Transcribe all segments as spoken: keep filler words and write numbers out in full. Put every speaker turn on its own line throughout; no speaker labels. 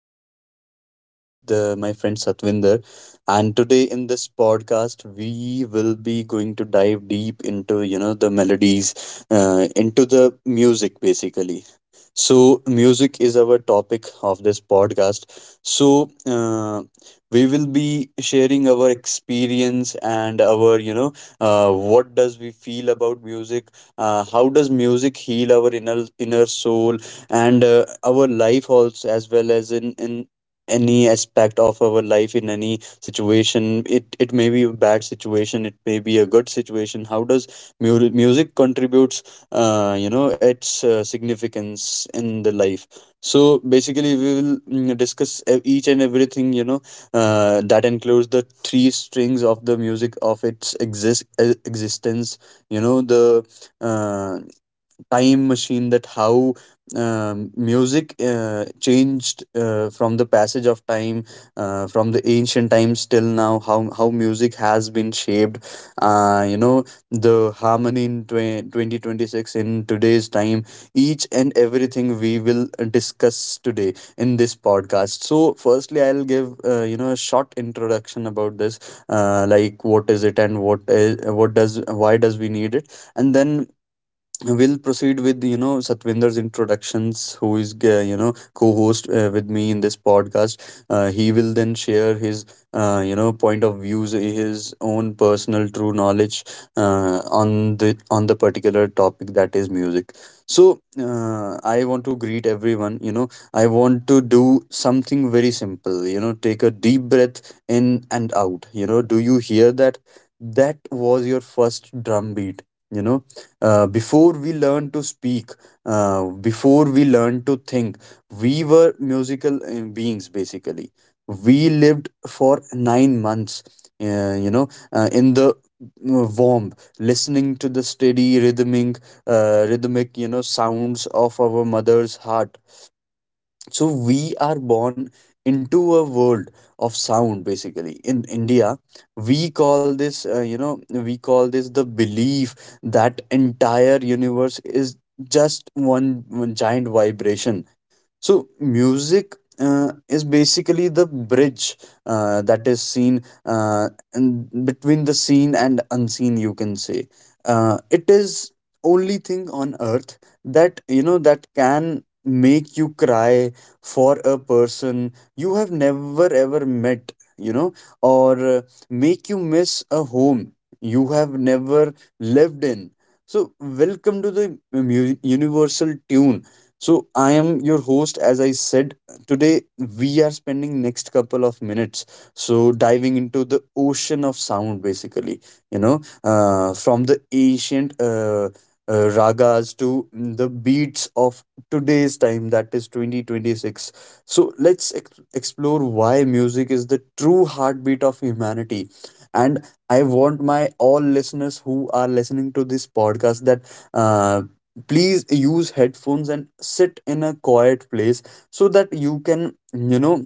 and I am here with uh, my friend Satvinder. And today in this podcast, we will be going to dive deep into you know the melodies, uh, into the music basically. So, music is our topic of this podcast. So, uh, we will be sharing our experience and our you know uh, what does we feel about music, uh, how does music heal our inner inner soul, and uh, our life also, as well as in in any aspect of our life. In any situation, it it may be a bad situation, it may be a good situation. How does mu- music contributes, uh, you know its uh, significance in the life. So basically we will mm, discuss e- each and everything, you know uh, that includes the three strings of the music, of its exist e- existence, you know, the uh, time machine, that how um, music uh, changed uh, from the passage of time, uh, from the ancient times till now, how how music has been shaped. uh, you know the harmony in twe- twenty twenty-six, in today's time, each and everything we will discuss today in this podcast. So firstly I'll give uh, you know a short introduction about this, uh, like what is it and what is what does why does we need it. And then we'll proceed with you know Satvinder's introductions, who is uh, you know co-host uh, with me in this podcast. Uh, he will then share his uh, you know point of views, his own personal true knowledge uh, on the on the particular topic that is music. So uh, I want to greet everyone. You know I want to do something very simple. You know take a deep breath in and out. You know, do you hear that? That was your first drum beat. You know uh, before we learn to speak, uh, before we learn to think, we were musical uh, beings basically. We lived for nine months, uh, you know, uh, in the uh, warm, listening to the steady rhythmic, uh, rhythmic, you know, sounds of our mother's heart. So we are born into a world of sound. Basically, in India, we call this, uh, you know we call this the belief that entire universe is just one, one giant vibration. So music uh, is basically the bridge uh, that is seen uh, in between the seen and unseen, you can say. Uh, it is only thing on earth that, you know that can make you cry for a person you have never ever met, you know or uh, make you miss a home you have never lived in. So welcome to the mu- universal tune. So I am your host, as I said. Today we are spending next couple of minutes so diving into the ocean of sound basically, you know, uh, from the ancient uh, uh, ragas to the beats of today's time, that is twenty twenty-six. So let's ex- explore why music is the true heartbeat of humanity. And I want my all listeners who are listening to this podcast that, uh, please use headphones and sit in a quiet place so that you can, you know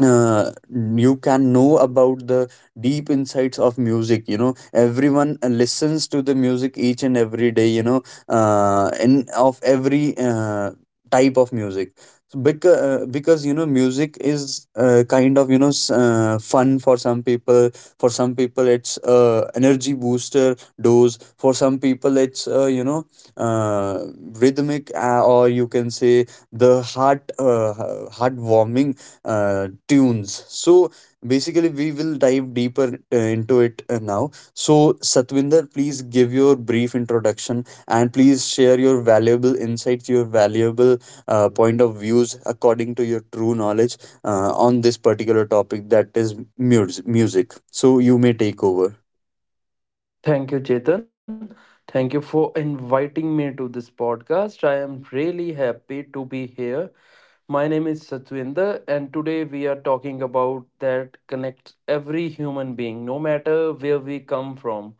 uh, you can know about the deep insights of music. You know, everyone uh, listens to the music each and every day, you know uh, in of every uh, type of music. So because, uh, because, you know, music is uh, kind of, you know s- uh, fun for some people, for some people it's uh, energy booster dose, for some people it's uh, you know uh, rhythmic, uh, or you can say the heart uh, heartwarming uh, tunes. So basically, we will dive deeper uh, into it uh, now. So, Satwinder, please give your brief introduction and please share your valuable insights, your valuable uh, point of views according to your true knowledge uh, on this particular topic that is mus- music. So, you may take over.
Thank you, Chetan. Thank you for inviting me to this podcast. I am really happy to be here. My name is Satwinder, and today we are talking about that connects every human being, no matter where we come from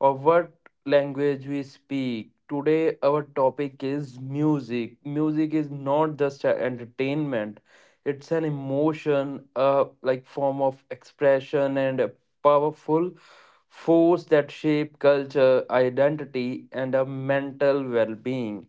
or what language we speak. Today, our topic is music. Music is not just a entertainment, it's an emotion, uh, like form of expression, and a powerful force that shape culture, identity, and a mental well being.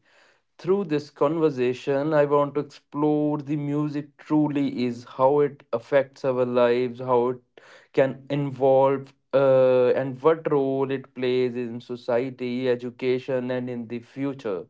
Through this conversation, I want to explore the music truly is, how it affects our lives, how it can involve, uh, and what role it plays in society, education, and in the future.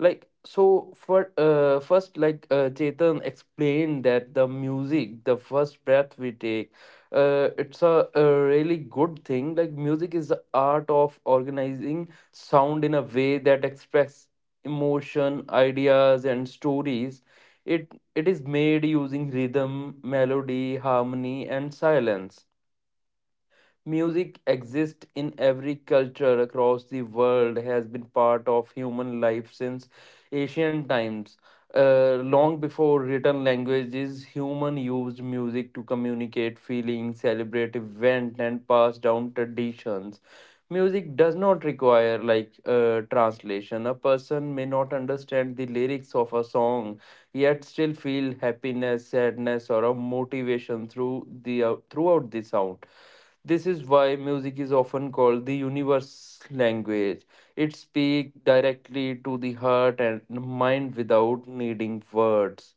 Like, so for uh, first, like uh, Chetan explained that the music, the first breath we take, uh, it's a, a really good thing. Like, music is the art of organizing sound in a way that express emotion, ideas, and stories. It, it is made using rhythm, melody, harmony, and silence. Music exists in every culture across the world, has been part of human life since ancient times. Uh, long before written languages, human used music to communicate feelings, celebrate events, and pass down traditions. Music does not require like uh, translation. A person may not understand the lyrics of a song, yet still feel happiness, sadness, or a motivation through the uh, throughout the sound. This is why music is often called the universe language. It speaks directly to the heart and mind without needing words.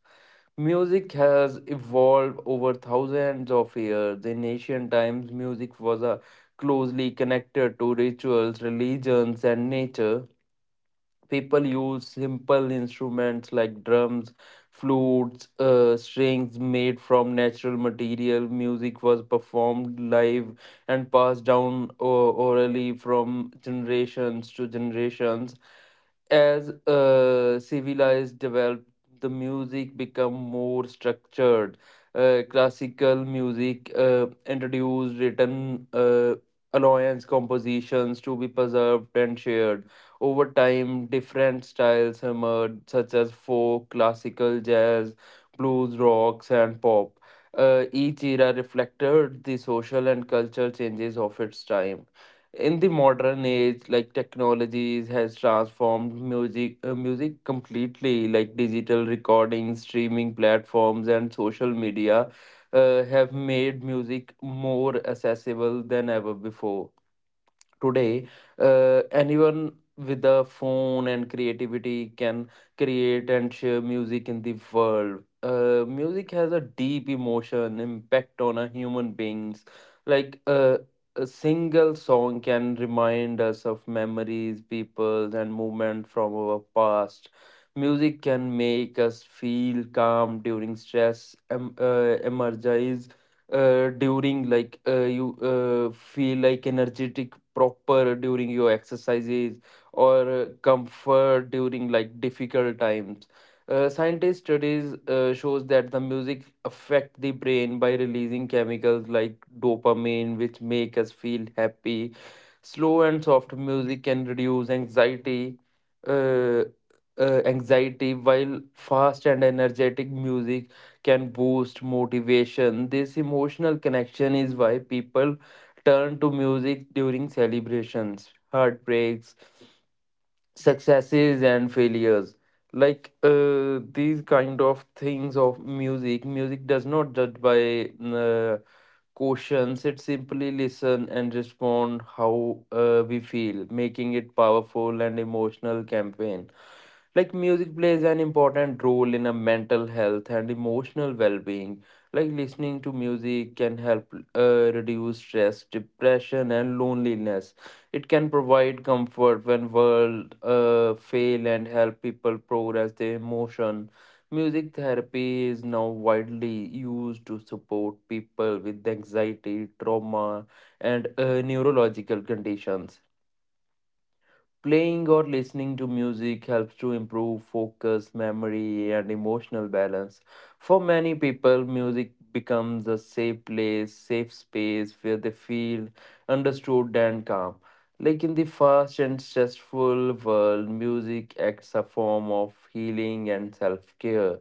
Music has evolved over thousands of years. In ancient times, music was uh, closely connected to rituals, religions, and nature. People use simple instruments like drums, flutes, uh, strings made from natural material. Music was performed live and passed down o- orally from generations to generations. As uh, civilized developed, the music become more structured. Uh, classical music uh, introduced written uh, alliance compositions to be preserved and shared. Over time different styles emerged such as folk, classical, jazz, blues, rocks and pop. Uh, each era reflected the social and cultural changes of its time. In the modern age, like, technologies has transformed music uh, music completely, like digital recordings, streaming platforms and social media uh, have made music more accessible than ever before. Today, uh, anyone with a phone and creativity can create and share music in the world. Uh, music has a deep emotion impact on a human beings. like uh, a single song can remind us of memories, people and movement from our past. Music can make us feel calm during stress, em- uh, energize uh, during like uh, you uh, feel like energetic proper during your exercises, or uh, comfort during like difficult times. Uh, scientist studies uh, shows that the music affect the brain by releasing chemicals like dopamine which make us feel happy. Slow and soft music can reduce anxiety, uh, uh, anxiety, while fast and energetic music can boost motivation. This emotional connection is why people turn to music during celebrations, heartbreaks, successes, and failures. Like uh, these kind of things of music, music does not judge by uh, questions. It simply listen and respond how uh, we feel, making it powerful and emotional campaign. Like, music plays an important role in a mental health and emotional well-being. Like, listening to music can help uh, reduce stress, depression, and loneliness. It can provide comfort when world uh, fail and help people progress their emotion. Music therapy is now widely used to support people with anxiety, trauma, and uh, neurological conditions. Playing or listening to music helps to improve focus, memory, and emotional balance. For many people, music becomes a safe place, safe space where they feel understood and calm. Like in the fast and stressful world, music acts a form of healing and self care.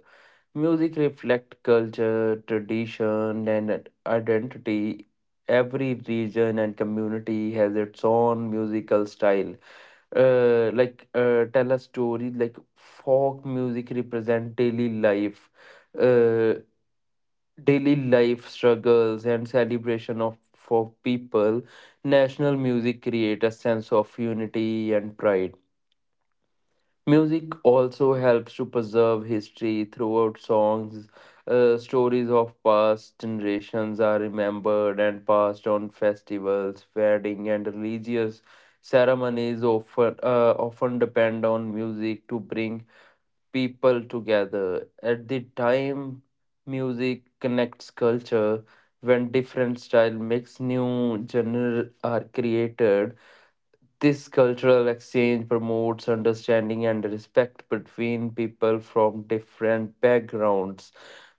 Music reflects culture, tradition, and identity. Every region and community has its own musical style, uh, like uh, tell a story like folk music represent daily life uh, daily life struggles and celebration of for people. National music create a sense of unity and pride. Music also helps to preserve history throughout songs. Uh, stories of past generations are remembered and passed on. Festivals, wedding, and religious ceremonies often, uh, often depend on music to bring people together. At the time, music connects culture. When different style mix, new genre are created. This cultural exchange promotes understanding and respect between people from different backgrounds.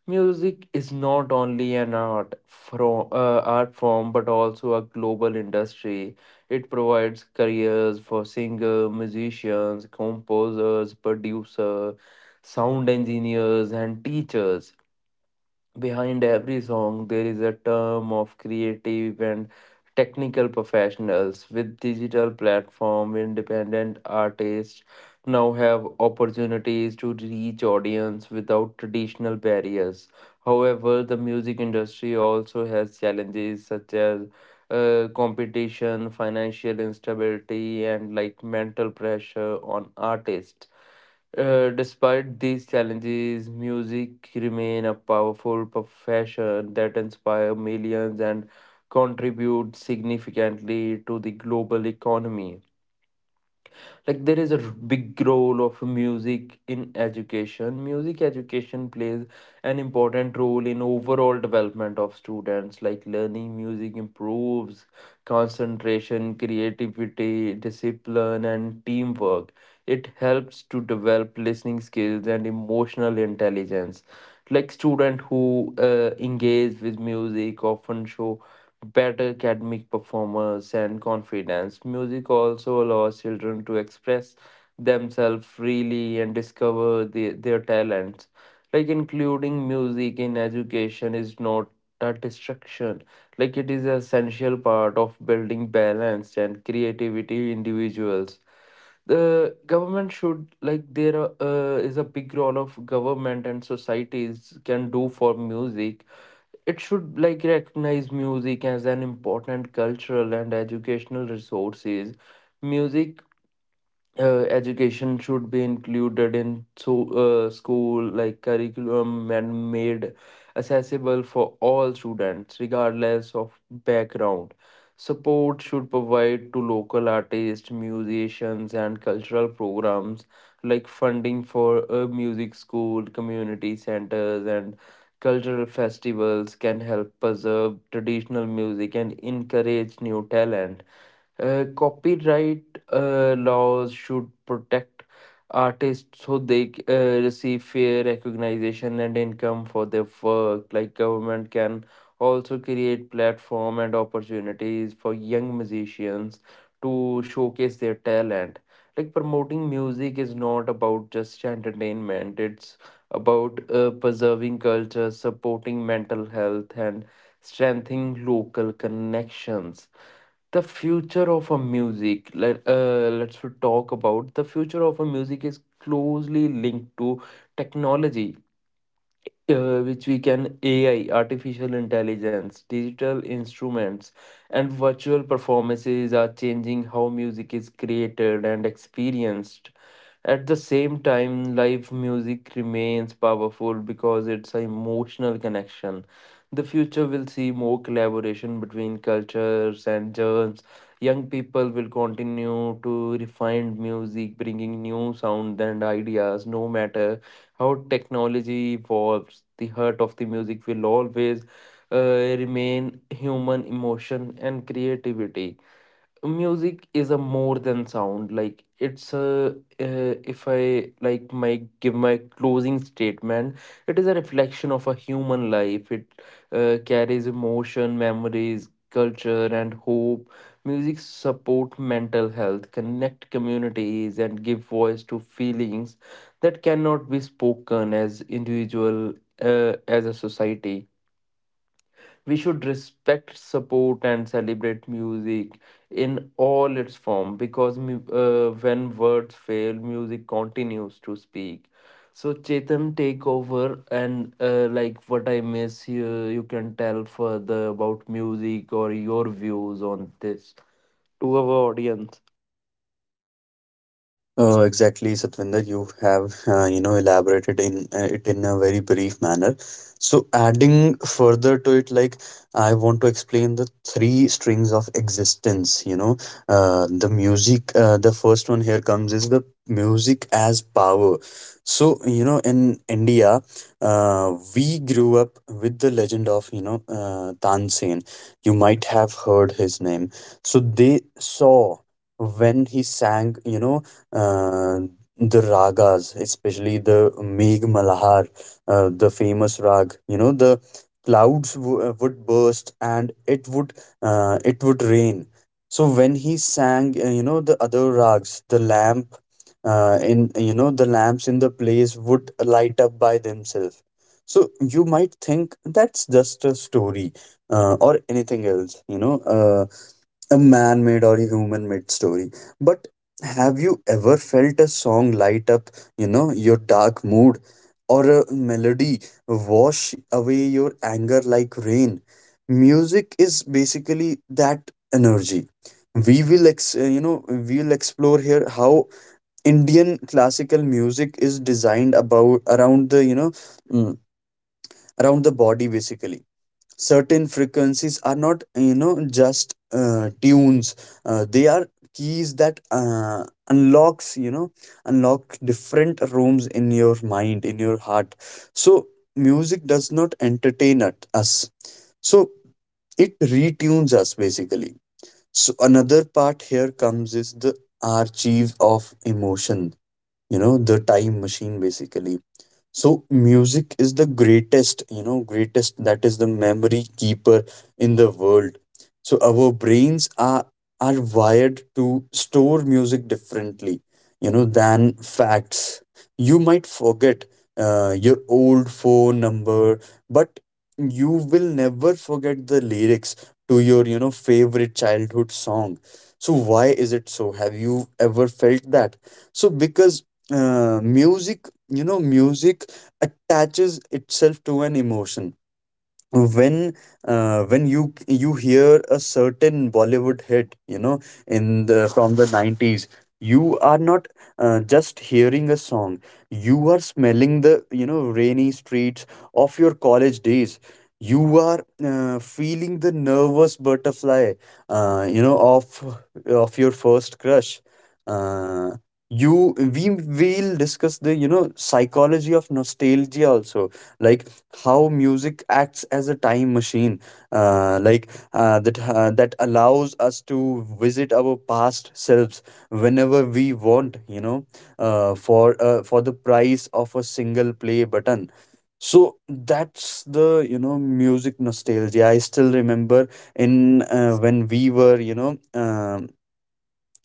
Music is not only an art from uh, art form, but also a global industry. It provides careers for singers, musicians, composers, producers, sound engineers and teachers. Behind every song, there is a term of creative and technical professionals. With digital platform, independent artists now have opportunities to reach audience without traditional barriers. However, the music industry also has challenges such as uh, competition, financial instability, and like mental pressure on artists. Uh, despite these challenges, music remain a powerful profession that inspire millions and contribute significantly to the global economy. Like, there is a r- big role of music in education. Music education plays an important role in overall development of students. Like, learning music improves concentration, creativity, discipline and teamwork. It helps to develop listening skills and emotional intelligence. Like, students who uh, engage with music often show better academic performance and confidence. Music also allows children to express themselves freely and discover the, their talents. Like, including music in education is not a distraction. Like, it is an essential part of building balance and creativity individuals. The government should like there are, uh, is a big role of government and societies can do for music. It should like recognize music as an important cultural and educational resources. Music uh, education should be included in so uh, school like curriculum and made accessible for all students regardless of background. Support should provide to local artists, musicians and cultural programs. Like, funding for a music school, community centers and cultural festivals can help preserve traditional music and encourage new talent. Uh, copyright uh, laws should protect artists, so they c- uh, receive fair recognition and income for their work. Like, government can also create platform and opportunities for young musicians to showcase their talent. Like, promoting music is not about just entertainment; it's about uh, preserving culture, supporting mental health, and strengthening local connections. The future of a music let uh, Let's talk about the future of a music is closely linked to technology, uh, which we can A I, artificial intelligence, digital instruments and virtual performances are changing how music is created and experienced. At the same time, live music remains powerful because it's an emotional connection. The future will see more collaboration between cultures and genres. Young people will continue to refine music, bringing new sounds and ideas. No matter how technology evolves, the heart of the music will always uh, remain human emotion and creativity. Music is a more than sound, like it's a, uh, if I like my give my closing statement, it is a reflection of a human life. It uh, carries emotion, memories, culture and hope. Music support mental health, connect communities and give voice to feelings that cannot be spoken. As individual, uh, as a society, we should respect, support and celebrate music in all its form, because mu- uh, when words fail, music continues to speak. So Chetan, take over, and uh, like what I miss here you can tell further about music or your views on this to our audience.
Uh, exactly, Satvinder. You have uh, you know elaborated in uh, it in a very brief manner. So adding further to it, like, I want to explain the three strings of existence. You know, uh, the music. Uh, the first one here comes is the music as power. So you know, in India, uh, we grew up with the legend of, you know uh, Tansen. You might have heard his name. So they saw when he sang. You know uh, the ragas, especially the Megh Malhar, uh, the famous rag. You know, the clouds w- uh, would burst and it would, uh, it would rain. So when he sang, uh, you know, the other rags, the lamp uh, in you know the lamps in the place would light up by themselves. So you might think that's just a story uh, or anything else, you know. uh, a man made or a human made story. But have you ever felt a song light up, you know, your dark mood, or a melody wash away your anger like rain? Music is basically that energy. We will, ex- uh, you know, we'll explore here how Indian classical music is designed about around the, you know, mm, around the body basically. Certain frequencies are not, you know just uh, tunes, uh, they are keys that uh, unlocks, you know unlock different rooms in your mind, in your heart. So music does not entertain at us, so it retunes us basically. So another part here comes is the archive of emotion, you know, the time machine basically. So music is the greatest, you know, greatest that is the memory keeper in the world. So our brains are are wired to store music differently, you know, than facts. You might forget uh, your old phone number, but you will never forget the lyrics to your, you know, favorite childhood song. So why is it so? Have you ever felt that? So because uh, music you know music attaches itself to an emotion. When uh, when you you hear a certain Bollywood hit, you know, in the from the nineties, you are not uh, just hearing a song. You are smelling the, you know, rainy streets of your college days. You are uh, feeling the nervous butterfly, uh, you know, of of your first crush. Uh, you we will discuss the, you know, psychology of nostalgia also, like how music acts as a time machine, uh, like uh, that uh, that allows us to visit our past selves whenever we want, you know uh, for uh, for the price of a single play button. So that's the, you know music nostalgia. I still remember, in uh, when we were, you know um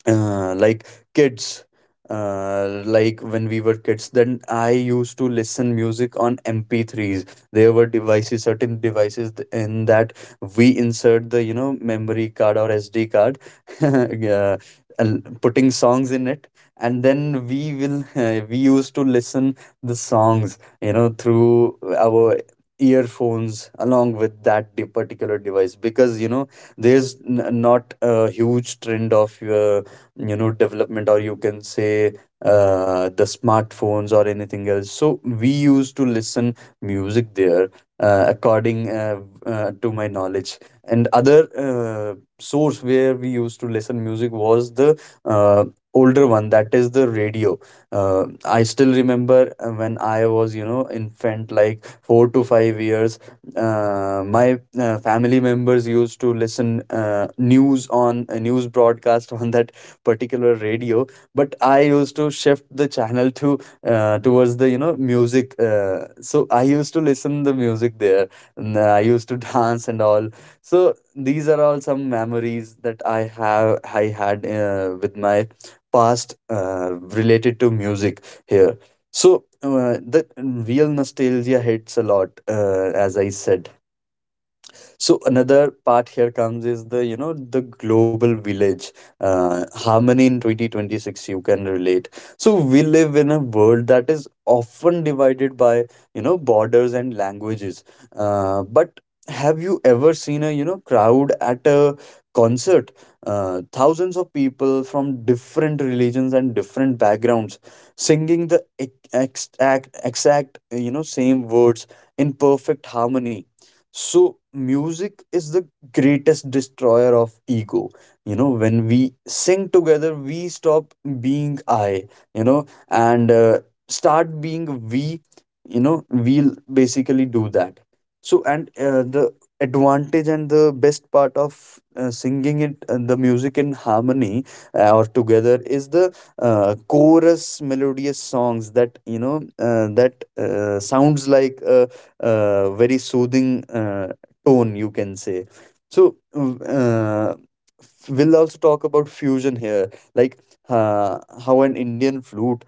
uh, like kids uh, like when we were kids, then I used to listen music on M P threes. There were devices, certain devices, th- in that we insert the, you know memory card or SD card, uh, and putting songs in it, and then we will uh, we used to listen the songs, you know, through our earphones along with that de- particular device. Because you know there's n- not a huge trend of uh, you know development, or you can say uh, the smartphones or anything else, so we used to listen music there, uh, according, uh, uh, to my knowledge. And other uh, source where we used to listen music was the uh, older one, that is the radio. Uh, I still remember, uh, when I was, you know, infant, like four to five years, uh, my uh, family members used to listen uh, news on, uh, news broadcast on that particular radio. But I used to shift the channel to, uh, towards the, you know music, uh, so I used to listen the music there, and I used to dance and all. So these are all some memories that i have I had uh, with my past uh, related to music here. So uh, the real nostalgia hits a lot, uh, as I said. So another part here comes is the, you know, the global village, uh, harmony in twenty twenty-six, you can relate. So we live in a world that is often divided by, you know borders and languages, uh, but have you ever seen a, you know crowd at a concert, uh, thousands of people from different religions and different backgrounds singing the ex- exact exact you know same words in perfect harmony? So music is the greatest destroyer of ego. You know, when we sing together, we stop being I, you know, and uh, start being we, you know, we'll basically do that. So, and uh, the advantage and the best part of uh, singing it, uh, the music in harmony uh, or together is the uh, chorus melodious songs that, you know, uh, that uh, sounds like. Uh, uh, very soothing uh, tone, you can say. So, mm, uh, we'll also talk about fusion here, like uh, how an Indian flute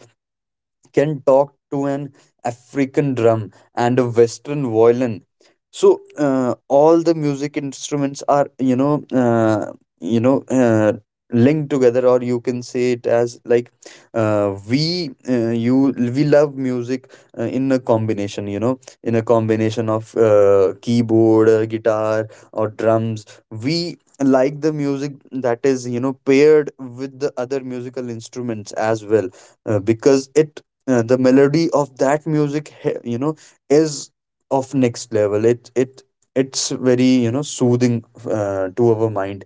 can talk to an African drum and a Western violin. So uh, all the music instruments are you know uh, you know uh, linked together, or you can say it as like uh, we uh, you we love music uh, in a combination. You know, in a combination of uh, keyboard, uh, guitar, or drums. We like the music that is you know paired with the other musical instruments as well, uh, because it uh, the melody of that music he- you know is of next level. It it it's very you know soothing uh, to our mind.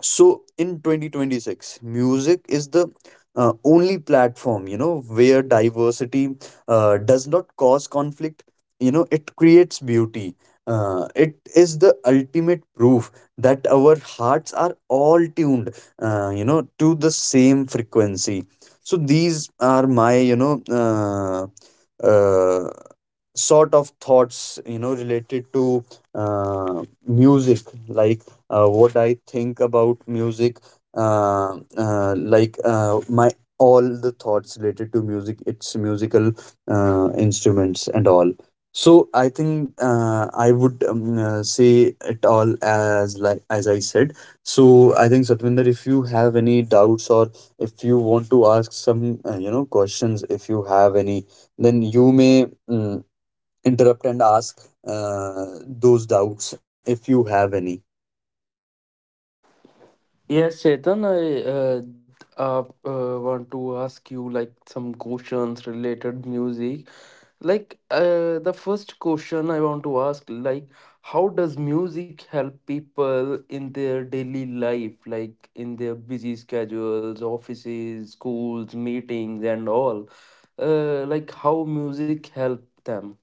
So in twenty twenty-six, music is the uh, only platform, you know, where diversity uh, does not cause conflict. You know, it creates beauty. Uh, it is the ultimate proof that our hearts are all tuned, uh, you know, to the same frequency. So these are my, you know, uh, uh, sort of thoughts you know related to uh, music, like uh, what I think about music, uh, uh, like uh, my all the thoughts related to music, its musical uh, instruments and all. So I think uh, i would um, uh, say it all as, like, as I said. So I think Satvinder, if you have any doubts, or if you want to ask some uh, you know questions if you have any, then you may mm, interrupt and ask uh, those doubts if you have any.
Yes, Chetan, I uh, uh, uh, want to ask you like some questions related music. Like uh, the first question I want to ask, like how does music help people in their daily life, like in their busy schedules, offices, schools, meetings, and all? Uh, like, how music help them?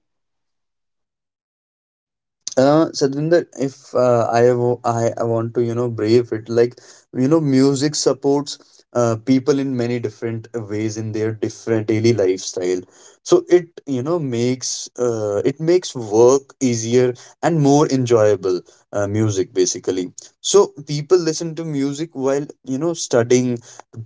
Uh, Sadvinder, if uh, I, wo- I I want to you know brave it like, you know, music supports uh, people in many different ways in their different daily lifestyle. So it, you know makes uh, it makes work easier and more enjoyable. Uh, music basically. So people listen to music while you know studying,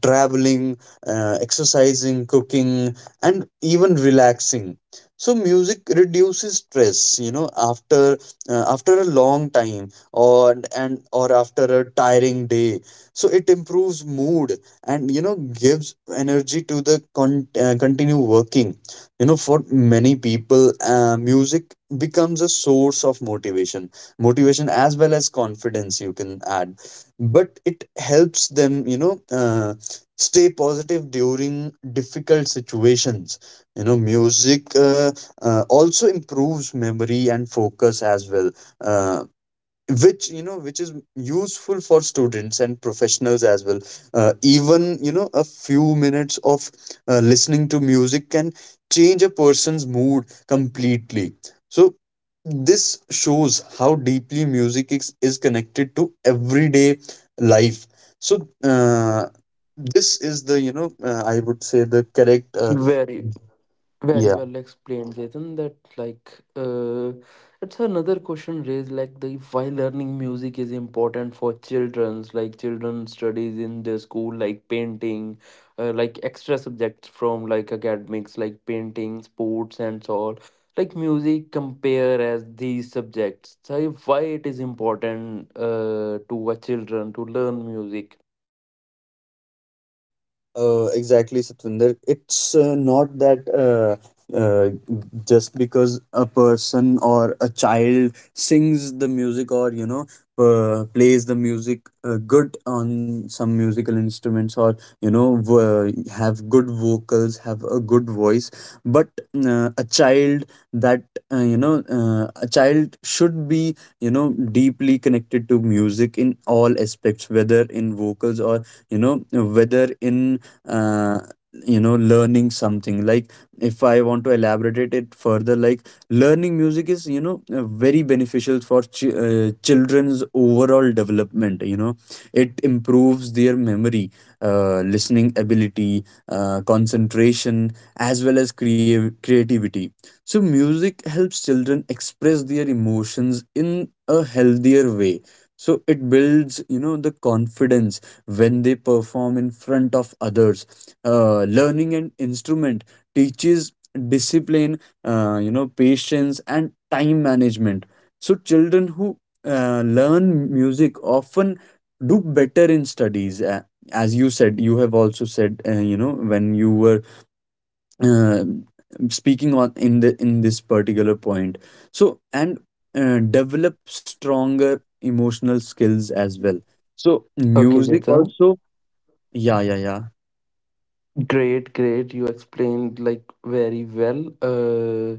traveling, uh, exercising, cooking, and even relaxing. So music reduces stress. You know, after uh, after a long time or and or after a tiring day, so it improves mood and you know gives energy to the con- uh, continue working. You know, for many people, uh, music becomes a source of motivation, motivation as well as confidence you can add. But it helps them, you know uh, stay positive during difficult situations. You know, music uh, uh, also improves memory and focus as well, uh, which you know which is useful for students and professionals as well. Uh, even, you know, a few minutes of uh, listening to music can change a person's mood completely. So this shows how deeply music is, is connected to everyday life. So uh, this is the, you know uh, I would say, the correct uh,
Very. Very well explained, Jayden. That like uh, it's another question raised, like the why learning music is important for childrens. Like, children studies in their school, like painting, uh, like extra subjects from like academics, like painting, sports, and so all. Like music compare as these subjects. So why it is important uh, to a children to learn music?
Uh, exactly, Satvinder. It's uh, not that uh, uh, just because a person or a child sings the music, or you know uh, plays the music uh, good on some musical instruments, or you know v- have good vocals, have a good voice. But uh, a child that uh, you know uh, a child should be, you know, deeply connected to music in all aspects, whether in vocals or you know whether in uh, you know learning something. Like if I want to elaborate it further, like, learning music is, you know uh, very beneficial for ch- uh, children's overall development. You know, it improves their memory, uh, listening ability, uh, concentration, as well as crea- creativity. So music helps children express their emotions in a healthier way. So it builds, you know, the confidence when they perform in front of others. Uh, learning an instrument teaches discipline, uh, you know, patience, and time management. So children who uh, learn music often do better in studies. Uh, as you said, you have also said, uh, you know, when you were uh, speaking on in the in this particular point. So and uh, develop stronger emotional skills as well. So
Okay,
music
Jayden.
also, yeah, yeah, yeah.
Great, great. You explained like very well, uh,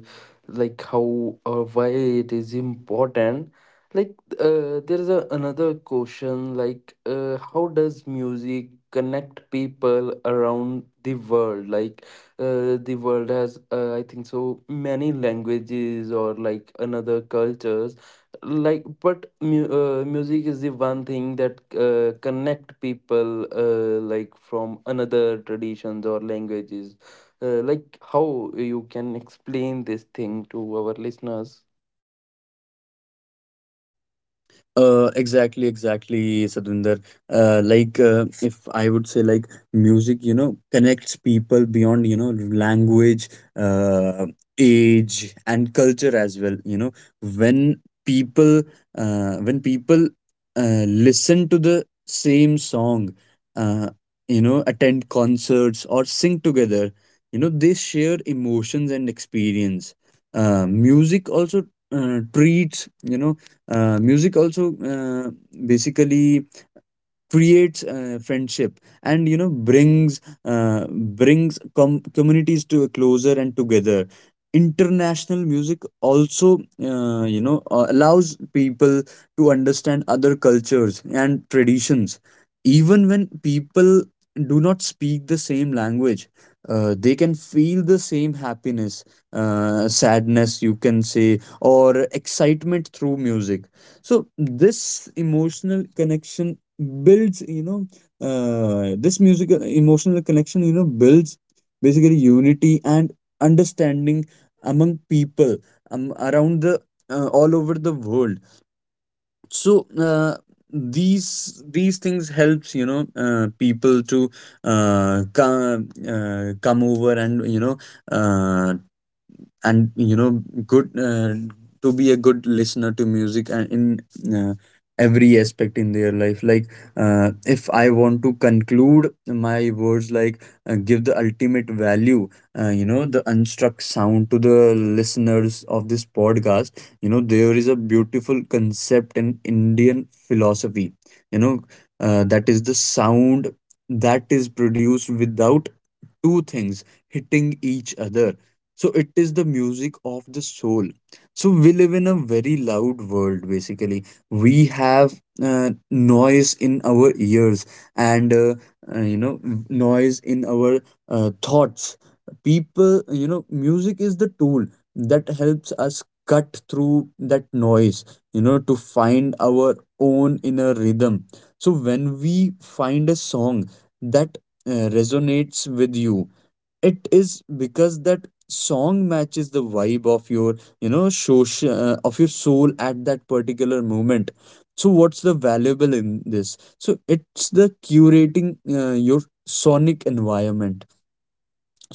like how or why it is important. Like uh, there is a, another question, like uh, how does music connect people around the world? Like, uh, the world has uh, I think so many languages or like another cultures. Like, but mu uh, music is the one thing that uh, connect people uh, like from another traditions or languages. Uh, like, how you can explain this thing to our listeners?
Uh, exactly, exactly, Sadhvinder. Uh, like, uh, if I would say, like, music, you know, connects people beyond, you know, language, uh, age, and culture as well. You know, when people, uh, when people uh, listen to the same song, uh, you know, attend concerts or sing together, you know, they share emotions and experience. Uh, music also uh, treats, you know Uh, music also uh, basically creates uh, friendship and you know brings uh, brings com- communities to closer and together. International music also uh, you know uh, allows people to understand other cultures and traditions, even when people do not speak the same language. Uh, they can feel the same happiness, uh, sadness you can say, or excitement through music. So this emotional connection builds, you know uh, this musical emotional connection, you know, builds basically unity and understanding among people um, around the, uh, all over the world. So uh, these these things helps, you know, uh, people to uh, come uh, come over and you know, uh, and you know good uh, to be a good listener to music and in uh, every aspect in their life. Like uh, if I want to conclude my words, like, uh, give the ultimate value, uh, you know, the unstruck sound to the listeners of this podcast. You know, there is a beautiful concept in Indian philosophy. You know, uh, that is the sound that is produced without two things hitting each other. So it is the music of the soul. So we live in a very loud world basically. We have uh, noise in our ears and uh, uh, you know noise in our uh, thoughts. People, you know, music is the tool that helps us cut through that noise, you know, to find our own inner rhythm. So when we find a song that uh, resonates with you, it is because that song matches the vibe of your, you know social uh, of your soul at that particular moment. So what's the valuable in this? So it's the curating uh, your sonic environment.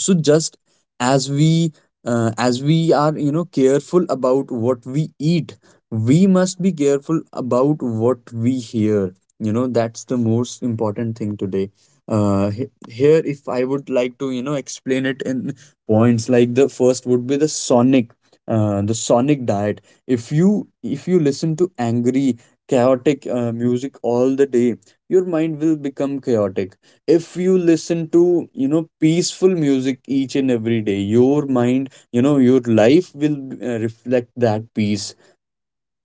So just as we uh, as we are, you know, careful about what we eat, we must be careful about what we hear. You know, that's the most important thing today. uh he- Here, if I would like to, you know, explain it in points, like the first would be the sonic, uh, the sonic diet. If you, if you listen to angry chaotic uh, music all the day, your mind will become chaotic. If you listen to, you know, peaceful music each and every day, your mind, you know, your life will uh, reflect that peace,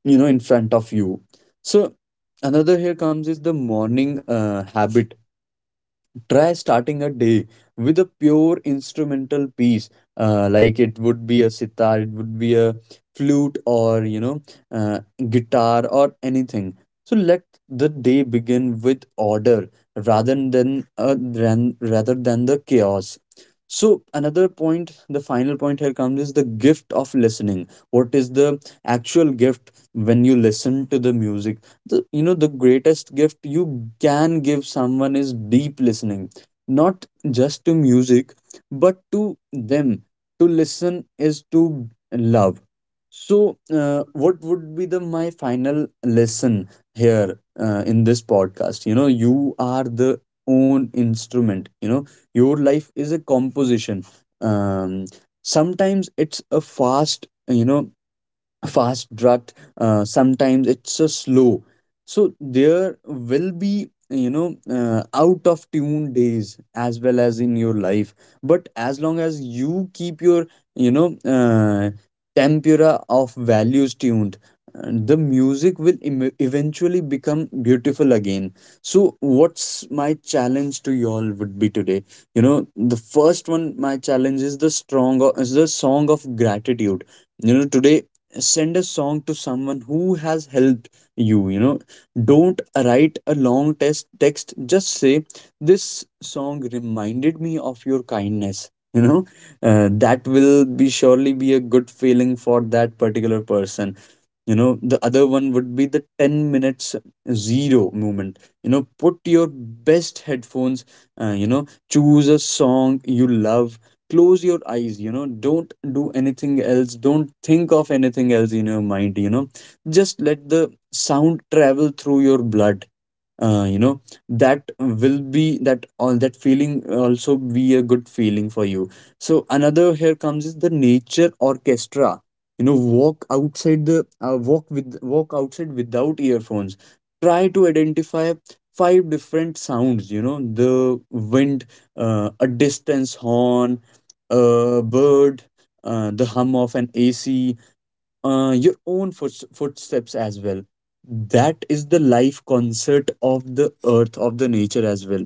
you know, in front of you. So another here comes is the morning uh, habit. Try starting a day with a pure instrumental piece, uh, like it would be a sitar, it would be a flute, or you know, uh, guitar or anything. So let the day begin with order, rather than uh, than, rather than the chaos. So another point, the final point here comes is the gift of listening. What is the actual gift when you listen to the music? The, you know, the greatest gift you can give someone is deep listening, not just to music, but to them. To listen is to love. So uh, what would be the my final lesson here, uh, in this podcast? You know, you are the own instrument, you know, your life is a composition. um, Sometimes it's a fast, you know, fast rut uh, sometimes it's so slow. So there will be, you know, uh, out of tune days as well as in your life. But as long as you keep your, you know uh, tempura of values tuned, uh, the music will em- eventually become beautiful again. So what's my challenge to y'all would be today? You know, the first one, my challenge is the strong, is the song of gratitude. You know, today, send a song to someone who has helped you, you know. Don't write a long test text, just say, this song reminded me of your kindness, you know, uh, that will be surely be a good feeling for that particular person. You know, the other one would be the ten minutes zero movement. You know, put your best headphones, uh, you know, choose a song you love, close your eyes, you know, don't do anything else, don't think of anything else in your mind, you know, just let the sound travel through your blood, uh, you know, that will be that all that feeling, also be a good feeling for you. So another here comes is the nature orchestra. You know, walk outside the, uh, walk with walk outside without earphones. Try to identify five different sounds, you know, the wind, uh, a distance horn, a bird, uh, the hum of an A C, uh, your own foot- footsteps as well. That is the life concert of the earth, of the nature as well.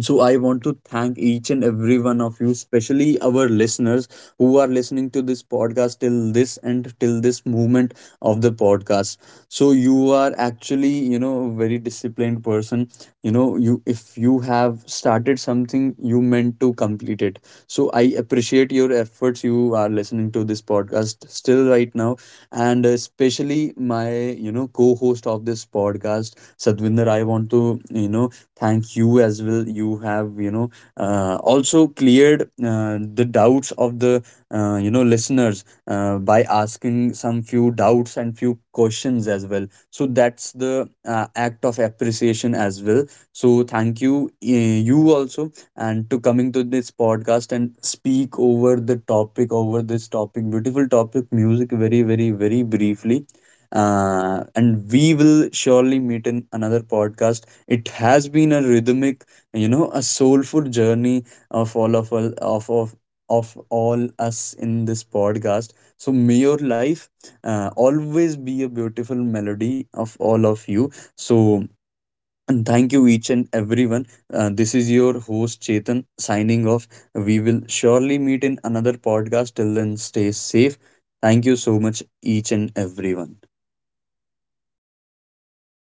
So I want to thank each and every one of you, especially our listeners who are listening to this podcast till this and till this moment of the podcast. So you are actually, you know, a very disciplined person. You know, you, if you have started something, you meant to complete it. So I appreciate your efforts. You are listening to this podcast still right now, and especially my, you know, co-host of this podcast, Sadvinder. I want to, you know, thank you as well. You have, you know, uh, also cleared uh, the doubts of the, uh, you know, listeners, uh, by asking some few doubts and few questions as well. So that's the uh, act of appreciation as well. So thank you, uh, you also, and to coming to this podcast and speak over the topic, over this topic, beautiful topic music, very very very briefly. Uh, and we will surely meet in another podcast. It has been a rhythmic, you know, a soulful journey of all of all of of, of all us in this podcast. So may your life uh, always be a beautiful melody of all of you. So and thank you each and everyone. Uh, this is your host Chetan, signing off. We will surely meet in another podcast. Till then, stay safe. Thank you so much, each and everyone.